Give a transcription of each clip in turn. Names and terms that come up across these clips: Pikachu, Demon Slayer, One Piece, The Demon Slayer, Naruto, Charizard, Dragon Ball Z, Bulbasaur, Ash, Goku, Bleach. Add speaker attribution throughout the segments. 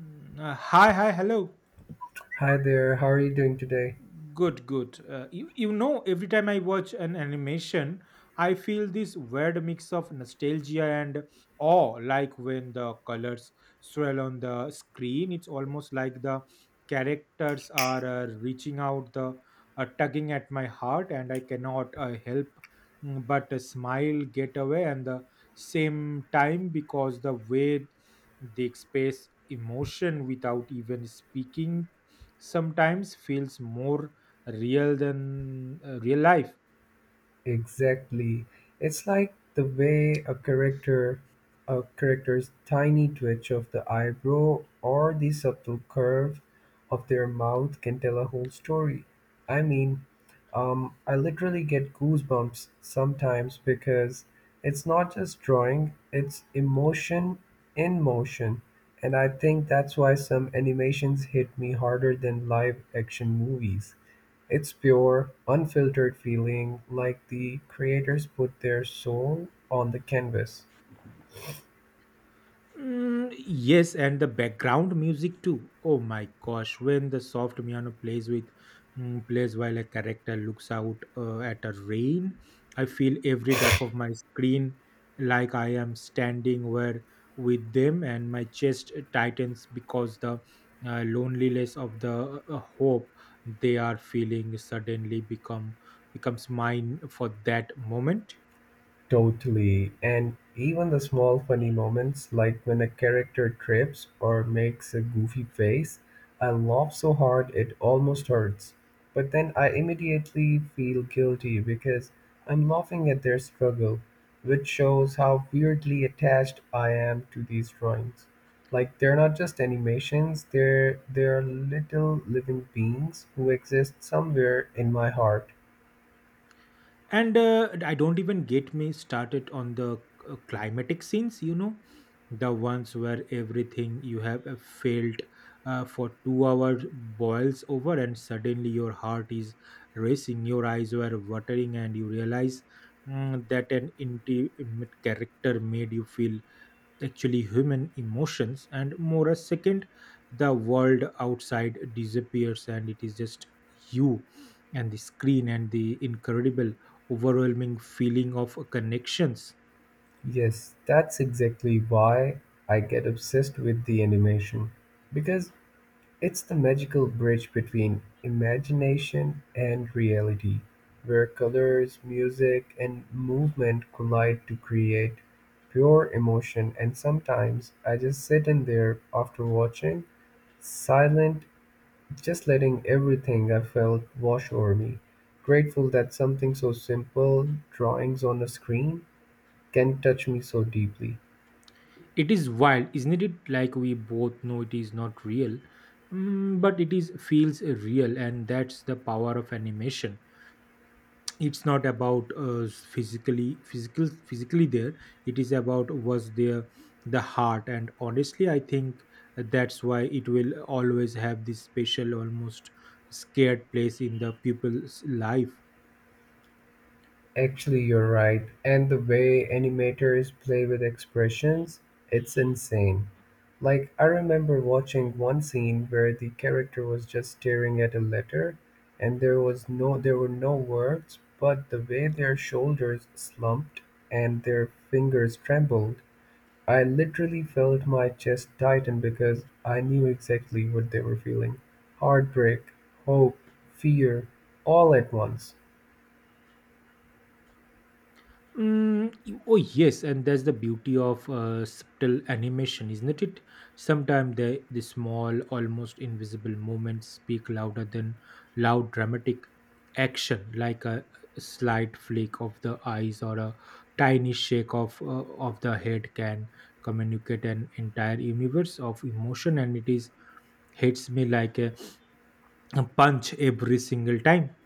Speaker 1: Hi, hello.
Speaker 2: Hi there, how are you doing today?
Speaker 1: Good, good. You know, every time I watch an animation, I feel this weird mix of nostalgia and awe. Like when the colors swirl on the screen, it's almost like the characters are reaching out, the tugging at my heart, and I cannot help mm, but smile, get away, and the same time because the way they express emotion without even speaking sometimes feels more real than real life.
Speaker 2: Exactly. It's like the way a character's tiny twitch of the eyebrow or the subtle curve of their mouth can tell a whole story. I mean, I literally get goosebumps sometimes because it's not just drawing, it's emotion in motion. And I think that's why some animations hit me harder than live action movies. It's pure, unfiltered feeling, like the creators put their soul on the canvas.
Speaker 1: Mm, yes, and the background music too. Oh my gosh, when the soft piano plays plays while a character looks out at a rain, I feel every drop of my screen like I am standing where with them, and my chest tightens because the loneliness of the hope they are feeling suddenly becomes mine for that moment.
Speaker 2: Totally. And even the small funny moments, like when a character trips or makes a goofy face, I laugh so hard it almost hurts. But then I immediately feel guilty because I'm laughing at their struggle, which shows how weirdly attached I am to these drawings. Like they're not just animations, they're little living beings who exist somewhere in my heart.
Speaker 1: And I don't even get me started on the climatic scenes, you know, the ones where everything you have failed for 2 hours boils over, and suddenly your heart is racing, your eyes were watering, and you realize that an intimate character made you feel actually human emotions. And more a second the world outside disappears and it is just you and the screen and the incredible overwhelming feeling of connections.
Speaker 2: Yes, that's exactly why I get obsessed with the animation. Because it's the magical bridge between imagination and reality, where colors, music, and movement collide to create pure emotion. And sometimes I just sit in there after watching, silent, just letting everything I felt wash over me. Grateful that something so simple, drawings on a screen, can touch me so deeply.
Speaker 1: It is wild, isn't it? Like we both know it is not real. Mm, but it is feels real, and that's the power of animation. It's not about physically there, it is about was there, the heart. And honestly, I think that's why it will always have this special, almost scared place in the people's life.
Speaker 2: Actually you're right, and the way animators play with expressions, it's insane. Like I remember watching one scene where the character was just staring at a letter and there were no words, but the way their shoulders slumped and their fingers trembled, I literally felt my chest tighten because I knew exactly what they were feeling. Heartbreak, hope, fear, all at once.
Speaker 1: Oh yes, and that's the beauty of subtle animation, isn't it? Sometimes the small, almost invisible moments speak louder than loud dramatic action, like a slight flick of the eyes or a tiny shake of the head, can communicate an entire universe of emotion, and it is hits me like a punch every single time.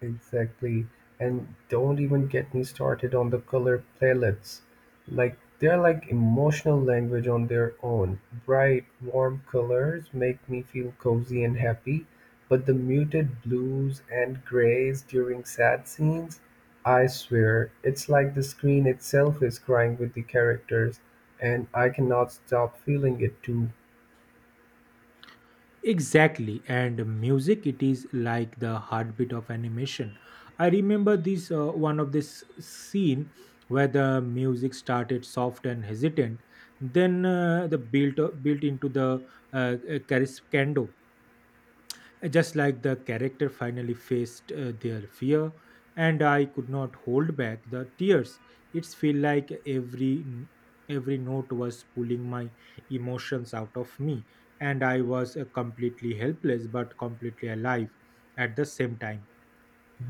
Speaker 2: Exactly. And don't even get me started on the color palettes. Like they're like emotional language on their own. Bright, warm colors make me feel cozy and happy, but the muted blues and grays during sad scenes, I swear, it's like the screen itself is crying with the characters, and I cannot stop feeling it too.
Speaker 1: Exactly, and music it is like the heartbeat of animation. I remember this one of this scene where the music started soft and hesitant, then the built built into the crescendo, just like the character finally faced their fear. And I could not hold back the tears. It's feel like every note was pulling my emotions out of me, and I was completely helpless but completely alive at the same time.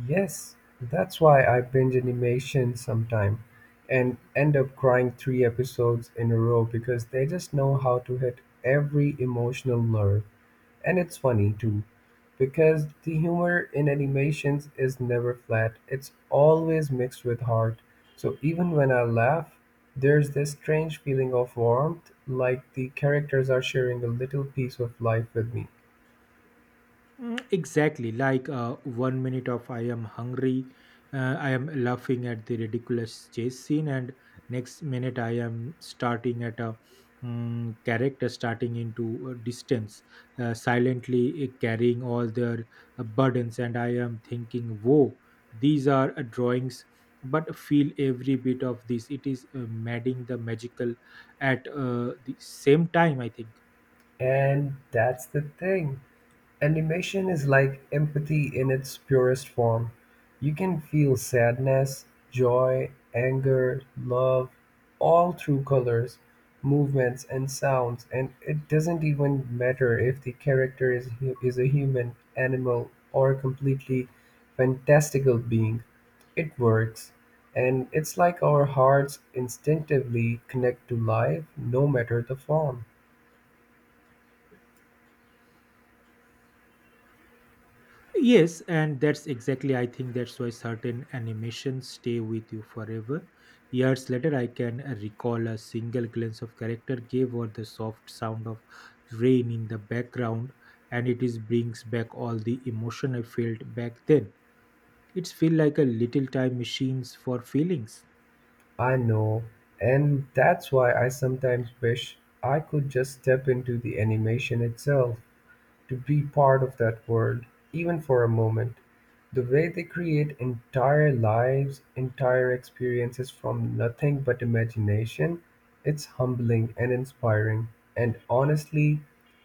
Speaker 2: Yes, that's why I binge animation sometime and end up crying three episodes in a row because they just know how to hit every emotional nerve. And it's funny too, because the humor in animations is never flat, it's always mixed with heart. So even when I laugh, there's this strange feeling of warmth, like the characters are sharing a little piece of life with me.
Speaker 1: Exactly, like one minute of I am hungry, I am laughing at the ridiculous chase scene, and next minute I am starting at a character starting into a distance, silently carrying all their burdens, and I am thinking, "Whoa, these are drawings." But feel every bit of this. It is madding the magical at the same time, I think.
Speaker 2: And that's the thing. Animation is like empathy in its purest form. You can feel sadness, joy, anger, love, all through colors, movements, and sounds, and it doesn't even matter if the character is, is a human, animal, or a completely fantastical being. It works, and it's like our hearts instinctively connect to life no matter the form.
Speaker 1: Yes, and that's exactly, I think, that's why certain animations stay with you forever. Years later, I can recall a single glance of character gave or the soft sound of rain in the background, and it is brings back all the emotion I felt back then. It's feel like a little time machines for feelings.
Speaker 2: I know, and that's why I sometimes wish I could just step into the animation itself to be part of that world, even for a moment. The way they create entire lives, entire experiences from nothing but imagination, it's humbling and inspiring. And honestly,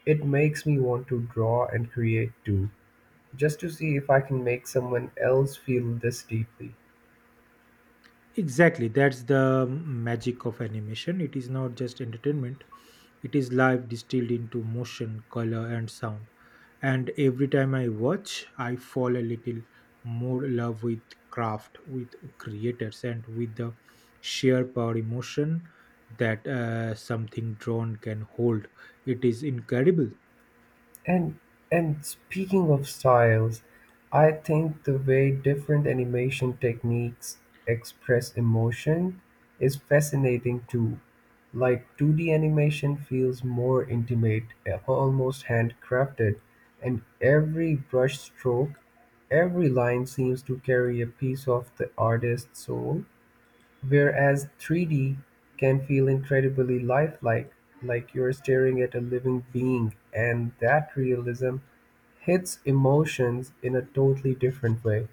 Speaker 2: it makes me want to draw and create too, just to see if I can make someone else feel this deeply.
Speaker 1: Exactly, that's the magic of animation. It is not just entertainment, it is life distilled into motion, color, and sound. And every time I watch, I fall a little more in love with craft, with creators, and with the sheer power emotion that something drawn can hold. It is incredible.
Speaker 2: And and speaking of styles, I think the way different animation techniques express emotion is fascinating too. Like 2D animation feels more intimate, almost handcrafted, and every brush stroke, every line seems to carry a piece of the artist's soul. Whereas three-D can feel incredibly lifelike, like you're staring at a living being, and that realism hits emotions in a totally different way.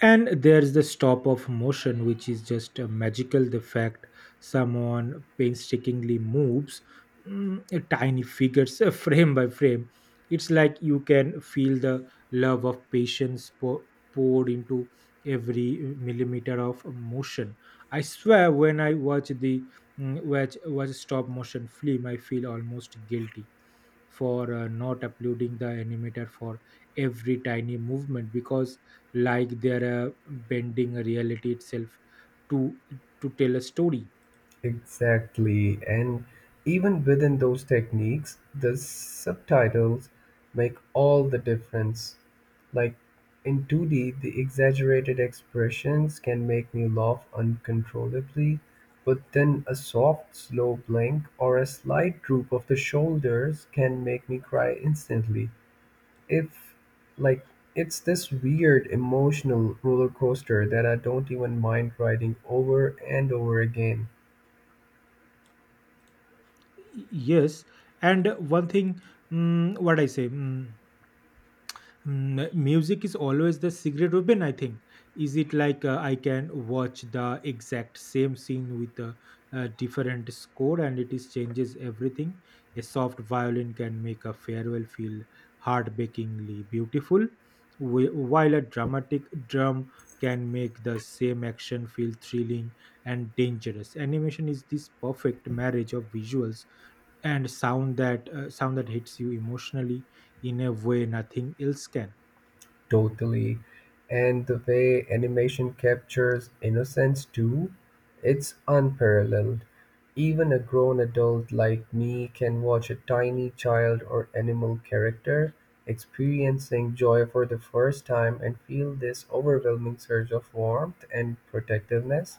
Speaker 1: And there's the stop of motion, which is just a magical the fact someone painstakingly moves a tiny figures frame by frame. It's like you can feel the love of patience poured into every millimeter of motion. I swear when I watch the watch a stop motion film, I feel almost guilty for not uploading the animator for every tiny movement, because like they're bending reality itself to to tell a story.
Speaker 2: Exactly, and even within those techniques, the subtitles make all the difference. Like in 2D, the exaggerated expressions can make me laugh uncontrollably, but then a soft, slow blink or a slight droop of the shoulders can make me cry instantly. If, like, it's this weird emotional roller coaster that I don't even mind riding over and over again.
Speaker 1: Yes. And one thing, mm, what I say mm, Mm, music is always the secret weapon, I think. Is it like I can watch the exact same scene with a different score and it is changes everything. A soft violin can make a farewell feel heartbreakingly beautiful, while a dramatic drum can make the same action feel thrilling and dangerous. Animation is this perfect marriage of visuals and sound that hits you emotionally in a way nothing else can.
Speaker 2: Totally. And the way animation captures innocence too, it's unparalleled. Even a grown adult like me can watch a tiny child or animal character experiencing joy for the first time and feel this overwhelming surge of warmth and protectiveness.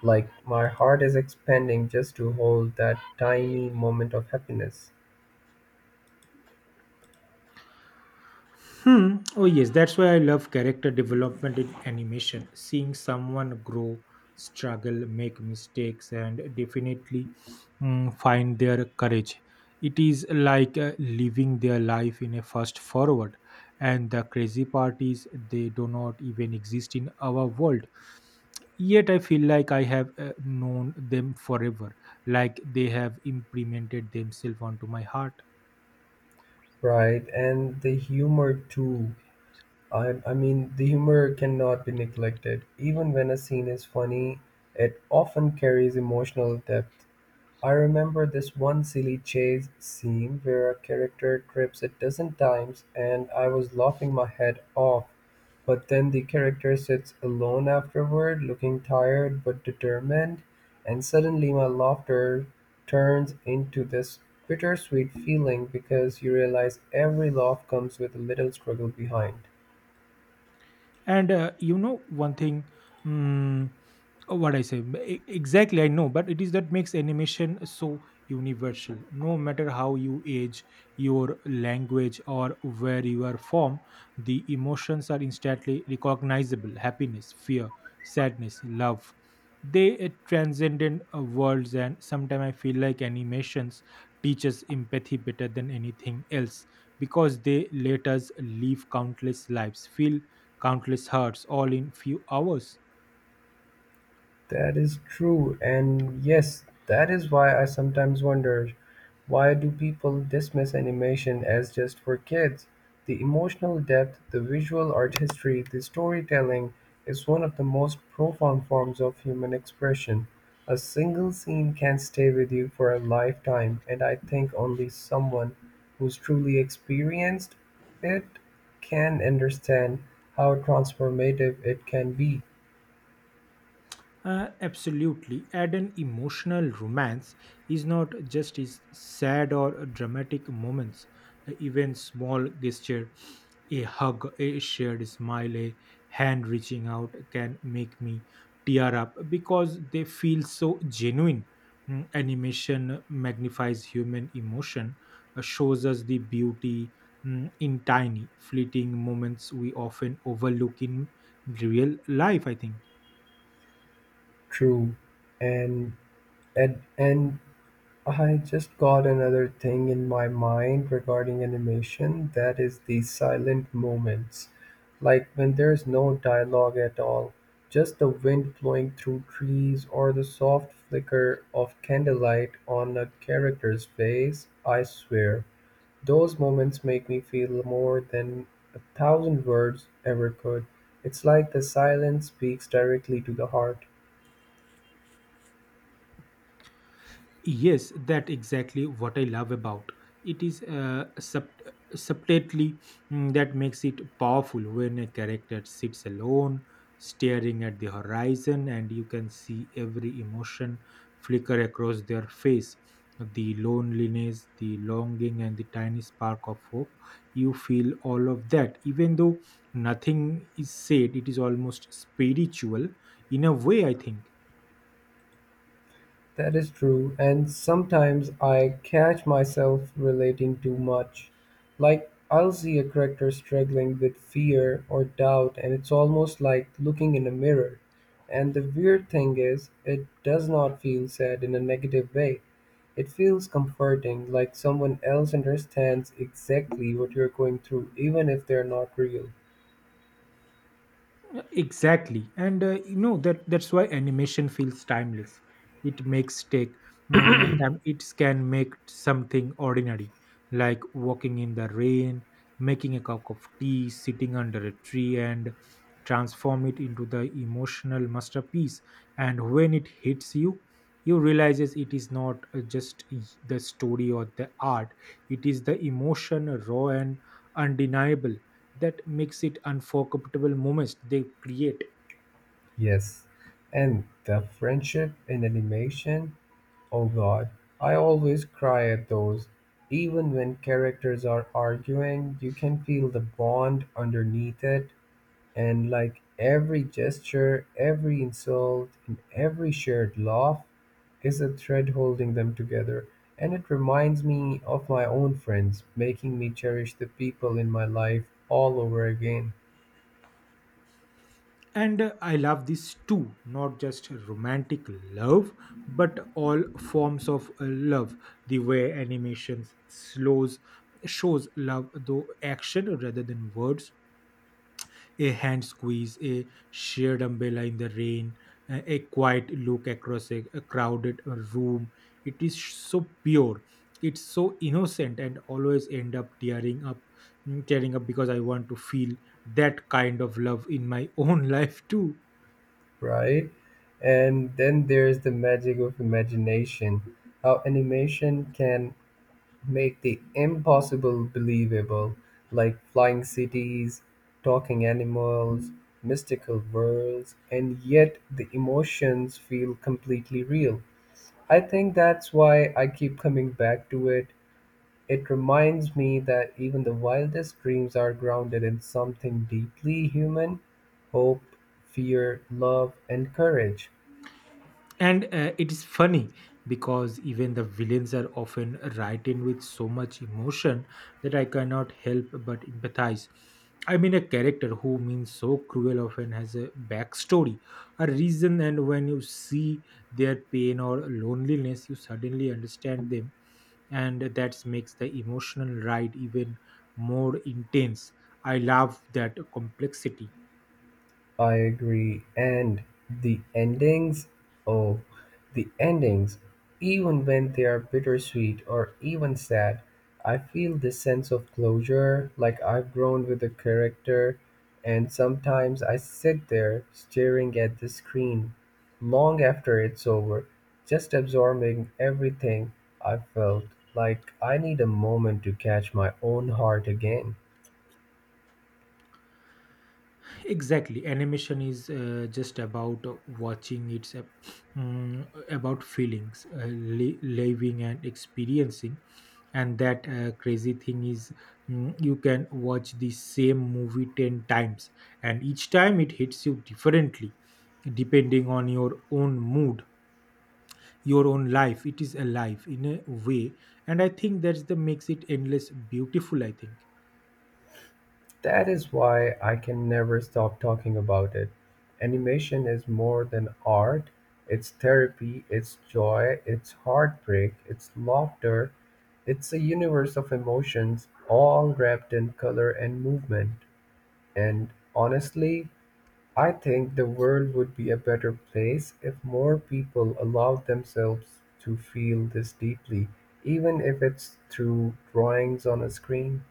Speaker 2: Like my heart is expanding just to hold that tiny moment of happiness.
Speaker 1: Hmm. Oh, yes. That's why I love character development in animation. Seeing someone grow, struggle, make mistakes, and definitely find their courage. It is like living their life in a fast forward. And the crazy part is they do not even exist in our world. Yet I feel like I have known them forever, like they have implemented themselves onto my heart.
Speaker 2: Right, and the humor too. I mean, the humor cannot be neglected. Even when a scene is funny, it often carries emotional depth. I remember this one silly chase scene where a character trips a dozen times and I was laughing my head off. But then the character sits alone afterward, looking tired but determined, and suddenly my laughter turns into this bittersweet feeling because you realize every laugh comes with a little struggle behind.
Speaker 1: And you know one thing, mm, what I say e- exactly, I know, but it is that makes animation so universal. No matter how you age, your language, or where you are from, the emotions are instantly recognizable: happiness, fear, sadness, love. They transcend in worlds, and sometimes I feel like animations teach us empathy better than anything else, because they let us live countless lives, feel countless hearts, all in few hours.
Speaker 2: That is true, and yes, that is why I sometimes wonder, why do people dismiss animation as just for kids? The emotional depth, the visual artistry, the storytelling is one of the most profound forms of human expression. A single scene can stay with you for a lifetime, and I think only someone who's truly experienced it can understand how transformative it can be.
Speaker 1: Absolutely. Add an emotional romance is not just is sad or dramatic moments. Even small gesture, a hug, a shared smile, a hand reaching out can make me tear up because they feel so genuine. Animation magnifies human emotion, shows us the beauty in tiny, fleeting moments we often overlook in real life, I think.
Speaker 2: True. And and I just got another thing in my mind regarding animation, that is the silent moments. Like when there's no dialogue at all, just the wind blowing through trees or the soft flicker of candlelight on a character's face, I swear. Those moments make me feel more than a thousand words ever could. It's like the silence speaks directly to the heart.
Speaker 1: Yes, that exactly what I love about it is subtly that makes it powerful. When a character sits alone, staring at the horizon, and you can see every emotion flicker across their face. The loneliness, the longing, and the tiny spark of hope. You feel all of that, even though nothing is said. It is almost spiritual in a way, I think.
Speaker 2: That is true, and sometimes I catch myself relating too much. Like, I'll see a character struggling with fear or doubt, and it's almost like looking in a mirror. And the weird thing is, it does not feel sad in a negative way. It feels comforting, like someone else understands exactly what you're going through, even if they're not real.
Speaker 1: Exactly. And you know, that that's why animation feels timeless. It makes take time. It can make something ordinary like walking in the rain, making a cup of tea, sitting under a tree, and transform it into the emotional masterpiece. And when it hits you, you realizes it is not the story or the art, it is the emotion, raw and undeniable, that makes it unforgettable moments they create.
Speaker 2: Yes, and the friendship in animation. Oh god, I always cry at those. Even when characters are arguing, you can feel the bond underneath it, and like every gesture, every insult, and every shared laugh is a thread holding them together. And it reminds me of my own friends, making me cherish the people in my life all over again,
Speaker 1: And I love this too, not just romantic love but all forms of love. The way animations slows shows love though action rather than words. A hand squeeze, a shared umbrella in the rain, a quiet look across a crowded room. It is so pure. It's so innocent, and always end up tearing up, tearing up because I want to feel that kind of love in my own life too.
Speaker 2: right? And then there's the magic of imagination, how animation can make the impossible believable, like flying cities, talking animals, mystical worlds, and yet the emotions feel completely real. I think that's why I keep coming back to it. It reminds me that even the wildest dreams are grounded in something deeply human, hope, fear, love, and courage.
Speaker 1: And it is funny because even the villains are often written with so much emotion that I cannot help but empathize. I mean, a character who means so cruel often has a backstory, a reason, and when you see their pain or loneliness, you suddenly understand them. And that makes the emotional ride even more intense. I love that complexity.
Speaker 2: I agree. And the endings, oh, the endings, even when they are bittersweet or even sad, I feel this sense of closure, like I've grown with the character. And sometimes I sit there staring at the screen long after it's over, just absorbing everything I felt. Like I need a moment to catch my own heart again.
Speaker 1: Exactly, animation is just about watching. It's about feelings, living and experiencing. And that crazy thing is, you can watch the same movie 10 times, and each time it hits you differently, depending on your own mood, your own life. It is alive in a way, and I think that's the makes it endless beautiful, I think.
Speaker 2: That is why I can never stop talking about it. Animation is more than art. It's therapy, it's joy, it's heartbreak, it's laughter. It's a universe of emotions, all wrapped in color and movement. And honestly, I think the world would be a better place if more people allowed themselves to feel this deeply, even if it's through drawings on a screen.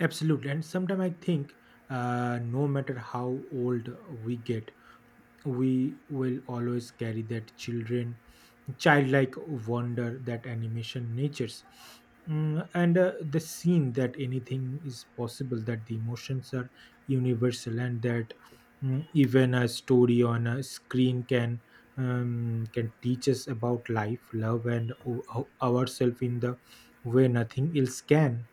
Speaker 1: Absolutely. And sometimes I think, no matter how old we get, we will always carry that childlike wonder that animation natures. And the scene that anything is possible, that the emotions are universal, and that even a story on a screen can teach us about life, love, and ourselves in the way nothing else can.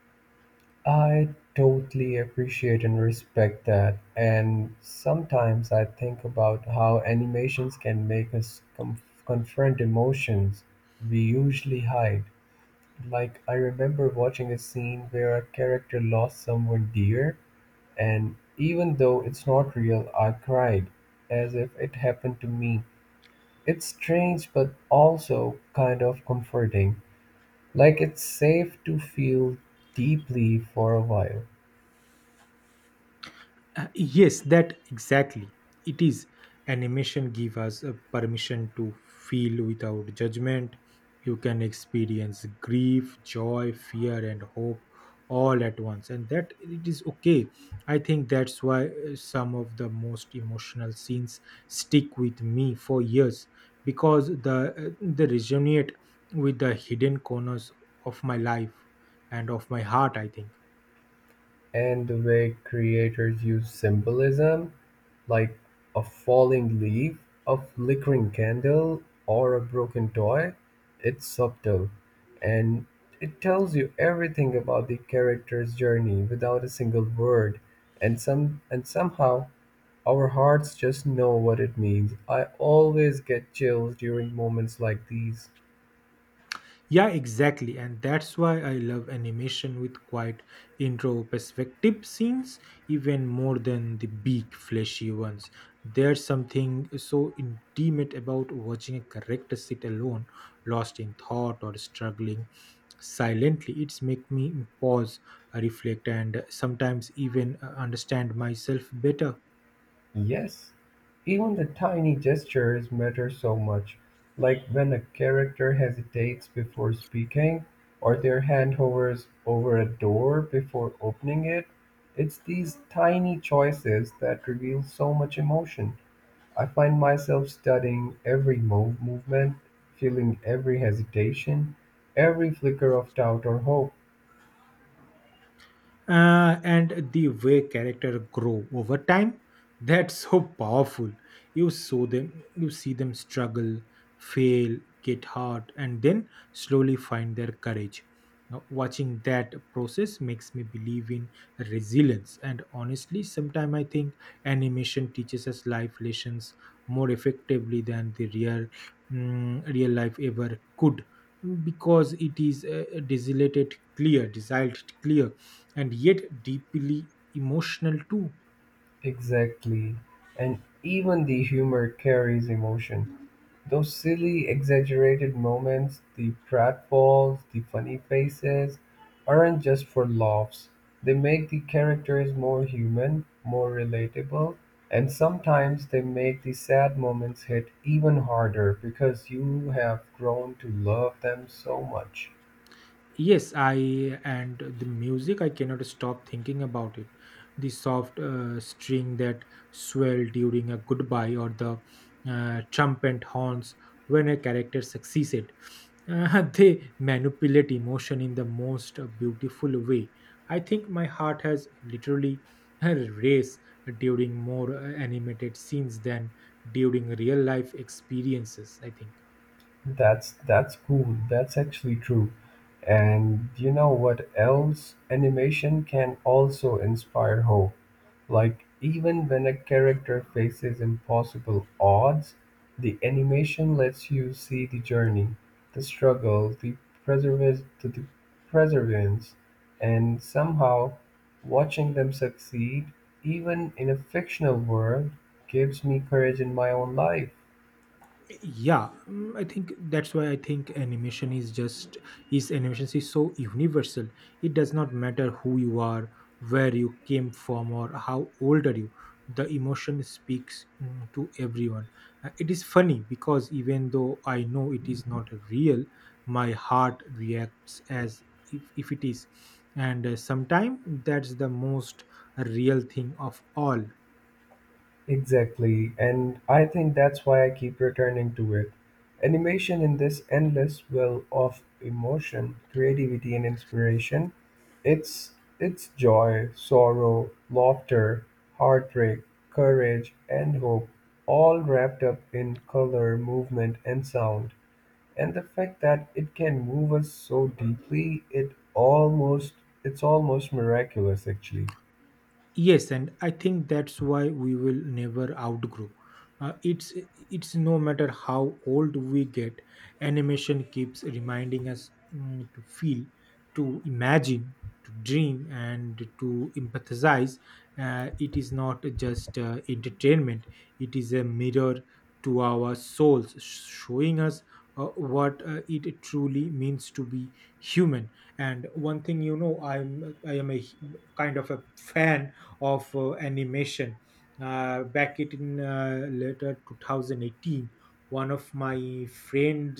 Speaker 2: I totally appreciate and respect that. And sometimes I think about how animations can make us confront emotions we usually hide. Like, I remember watching a scene where a character lost someone dear, and even though it's not real, I cried as if it happened to me. It's strange, but also kind of comforting. Like, it's safe to feel deeply for a while.
Speaker 1: Yes, that exactly. It is animation give us a permission to feel without judgment. You can experience grief, joy, fear, and hope all at once, and that it is okay. I think that's why some of the most emotional scenes stick with me for years because the they resonate with the hidden corners of my life and of my heart, I think.
Speaker 2: And the way creators use symbolism, like a falling leaf, a flickering candle, or a broken toy, it's subtle and it tells you everything about the character's journey without a single word. And somehow our hearts just know what it means. I always get chills during moments like these.
Speaker 1: Yeah, exactly. And that's why I love animation with quite intro perspective scenes even more than the big fleshy ones. There's something so intimate about watching a character sit alone, lost in thought or struggling silently. It's make me pause, reflect, and sometimes even understand myself better.
Speaker 2: Yes, even the tiny gestures matter so much, like when a character hesitates before speaking, or their hand hovers over a door before opening it. It's these tiny choices that reveal so much emotion. I find myself studying movement, feeling every hesitation, every flicker of doubt or hope.
Speaker 1: And the way character grow over time, that's so powerful. You see them struggle, fail, get hurt, and then slowly find their courage. Watching that process makes me believe in resilience. And honestly, sometimes I think animation teaches us life lessons more effectively than the real life ever could, because it is desolated clear, desired clear, and yet deeply emotional too.
Speaker 2: Exactly. And even the humor carries emotion. Those silly, exaggerated moments, the pratfalls, the funny faces, aren't just for laughs. They make the characters more human, more relatable, and sometimes they make the sad moments hit even harder because you have grown to love them so much.
Speaker 1: Yes, I and the music, I cannot stop thinking about it. The soft string that swell during a goodbye, or the trumpet horns when a character succeeded. They manipulate emotion in the most beautiful way. I think my heart has literally raced during more animated scenes than during real life experiences, I think.
Speaker 2: That's cool. That's actually true. And you know what else? Animation can also inspire hope. Like even when a character faces impossible odds, the animation lets you see the journey, the struggle, the perseverance, and somehow watching them succeed, even in a fictional world, gives me courage in my own life.
Speaker 1: Yeah, I think that's why, I think animation is just, is animation is so universal. It does not matter who you are, where you came from, or how old are you. The emotion speaks to everyone. It is funny because even though I know it is not real, my heart reacts as if it is. And sometimes that's the most real thing of all.
Speaker 2: Exactly, and I think that's why I keep returning to it. Animation in this endless well of emotion, creativity and inspiration. It's it's joy, sorrow, laughter, heartbreak, courage and hope, all wrapped up in color, movement and sound. And the fact that it can move us so deeply, it's almost miraculous actually.
Speaker 1: Yes, and I think that's why we will never outgrow. Uh, it's it's no matter how old we get, animation keeps reminding us to feel, to imagine, to dream, and to empathize. It is not just entertainment; it is a mirror to our souls, showing us what it truly means to be human. And one thing, you know, I am kind of a fan of animation. Back it in later 2018, one of my friend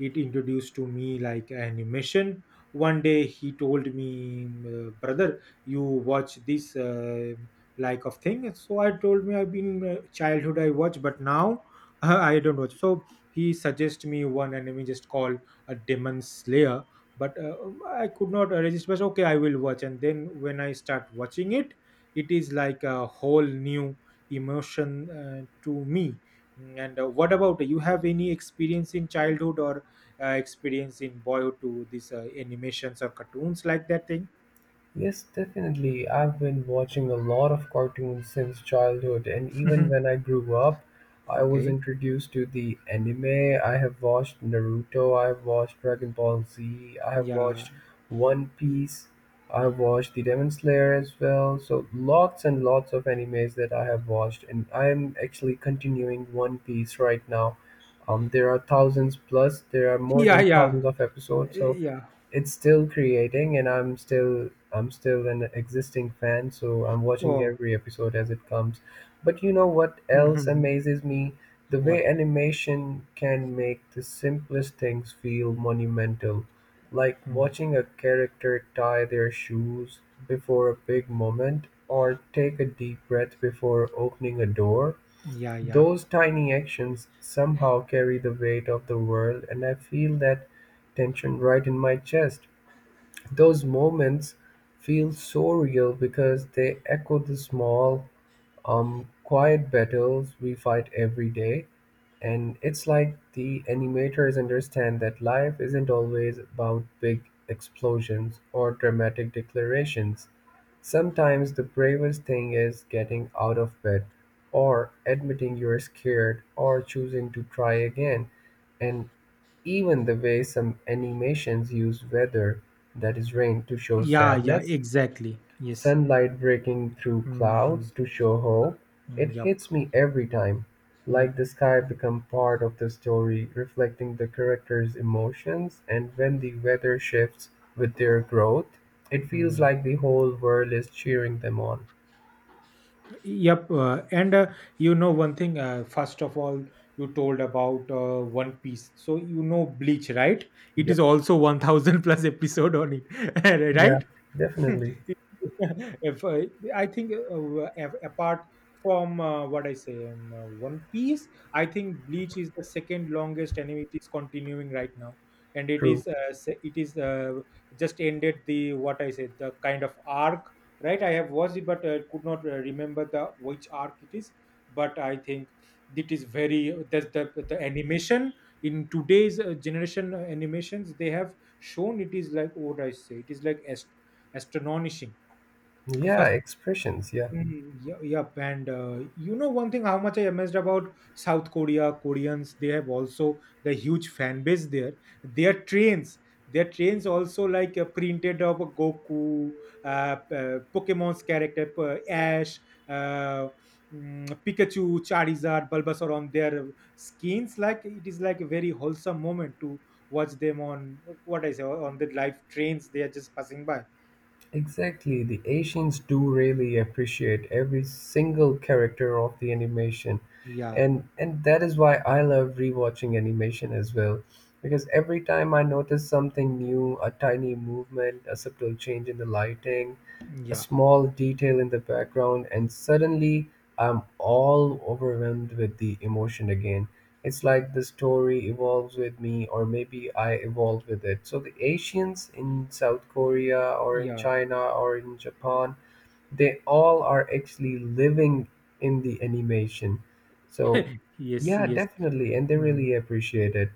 Speaker 1: it introduced to me like animation. One day he told me, brother, you watch this like of thing. So I told me I've been childhood I watch, but now I don't watch. So he suggested me one anime just called a Demon Slayer, but I could not resist. But okay, I will watch. And then when I start watching it, it is like a whole new emotion to me. And what about you, have any experience in childhood or experience in boyhood to these animations or cartoons like that thing?
Speaker 2: Yes, definitely. I've been watching a lot of cartoons since childhood, and even
Speaker 1: Mhm.
Speaker 2: when I grew up, I was
Speaker 1: Okay.
Speaker 2: introduced to the anime. I have watched Naruto, I have watched Dragon Ball Z, I have
Speaker 1: Yeah.
Speaker 2: watched One Piece, I have watched The Demon Slayer as well. So, lots and lots of animes that I have watched, and I am actually continuing One Piece right now. There are thousands plus, there are more
Speaker 1: Yeah,
Speaker 2: than
Speaker 1: yeah.
Speaker 2: thousands of episodes, so
Speaker 1: Yeah.
Speaker 2: it's still creating, and I'm still an existing fan, so I'm watching
Speaker 1: Oh.
Speaker 2: every episode as it comes. But you know what else
Speaker 1: Hmm.
Speaker 2: amazes me, the way
Speaker 1: What?
Speaker 2: animation can make the simplest things feel monumental, like
Speaker 1: Mm.
Speaker 2: watching a character tie their shoes before a big moment or take a deep breath before opening a door.
Speaker 1: Yeah, yeah,
Speaker 2: Those tiny actions somehow carry the weight of the world and I feel that tension right in my chest. Those moments feel so real because they echo the small, quiet battles we fight every day. And it's like the animators understand that life isn't always about big explosions or dramatic declarations. Sometimes the bravest thing is getting out of bed, or admitting you're scared, or choosing to try again. And even the way some animations use weather, that is rain, to show
Speaker 1: yeah, yeah,
Speaker 2: sadness,
Speaker 1: exactly, yes.
Speaker 2: sunlight breaking through
Speaker 1: Hmm.
Speaker 2: clouds to show hope, it
Speaker 1: Yep.
Speaker 2: hits me every time.
Speaker 1: Yep.
Speaker 2: Like the sky become part of the story, reflecting the characters' emotions, and when the weather shifts with their growth, it feels
Speaker 1: Mhm.
Speaker 2: like the whole world is cheering them on.
Speaker 1: Yep. And you know one thing. First of all, you told about One Piece, so you know Bleach, right? It
Speaker 2: Yep.
Speaker 1: is also 1,000 plus episode on it,
Speaker 2: Yeah,
Speaker 1: right?
Speaker 2: definitely.
Speaker 1: If I think apart from what I say, One Piece, I think Bleach is the second longest anime. It is continuing right now, and it
Speaker 2: True.
Speaker 1: is it is just ended the what I said the kind of arc. Right, I have watched it, but could not remember the which arc it is. But I think it is very the the animation in today's generation animations they have shown, it is like what I say. It is like astonishing.
Speaker 2: Yeah,
Speaker 1: First,
Speaker 2: expressions. Yeah.
Speaker 1: yep. And you know one thing, how much I amazed about South Korea, Koreans, they have also the huge fan base there. Their trains, their trains also like printed of Goku, Pokemon's character Ash, uh, Pikachu, Charizard, Bulbasaur on their skins. Like it is like a very wholesome moment to watch them on what I say on the live trains. They are just passing by.
Speaker 2: Exactly, the Asians do really appreciate every single character of the animation.
Speaker 1: Yeah,
Speaker 2: And that is why I love rewatching animation as well. Because every time I notice something new, a tiny movement, a subtle change in the lighting, a
Speaker 1: yeah,
Speaker 2: small detail in the background, and suddenly I'm all overwhelmed with the emotion again. It's like the story evolves with me, or maybe I evolve with it. So the Asians in South Korea or in
Speaker 1: yeah.
Speaker 2: China or in Japan, they all are actually living in the animation. So,
Speaker 1: Yes,
Speaker 2: yeah,
Speaker 1: yes.
Speaker 2: definitely. And they
Speaker 1: Mm,
Speaker 2: really appreciate it.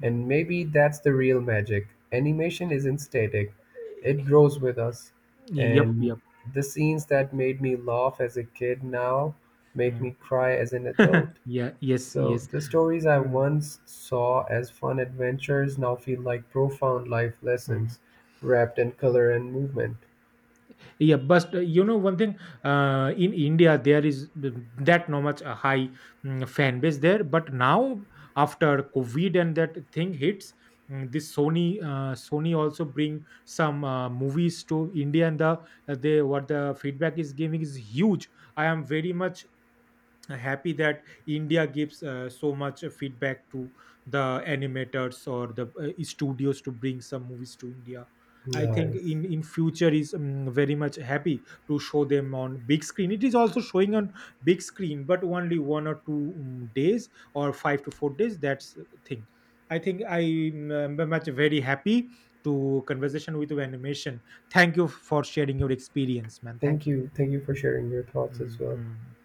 Speaker 1: mm.
Speaker 2: And maybe that's the real magic. Animation isn't static, it grows with us.
Speaker 1: Yep,
Speaker 2: And
Speaker 1: yep.
Speaker 2: the scenes that made me laugh as a kid now make me
Speaker 1: Mm.
Speaker 2: cry as an adult.
Speaker 1: Yeah, yes,
Speaker 2: So
Speaker 1: yes.
Speaker 2: the stories I
Speaker 1: Mm,
Speaker 2: once saw as fun adventures now feel like profound life
Speaker 1: mm.
Speaker 2: lessons wrapped in color and movement.
Speaker 1: Yeah, but you know one thing, in India there is that no much a high fan base there, but now after COVID and that thing hits, this Sony Sony also bring some movies to India. And the they what the feedback is giving is huge. I am very much happy that India gives so much feedback to the animators or the studios to bring some movies to India. I think
Speaker 2: Nice.
Speaker 1: in future is very much happy to show them on big screen. It is also showing on big screen, but only one or two days or 5 to 4 days, that's the thing. I think I am much very happy to conversation with you animation. Thank you for sharing your experience, man,
Speaker 2: Thank
Speaker 1: thank you.
Speaker 2: you. Thank you for sharing your thoughts as well.
Speaker 1: Mhm.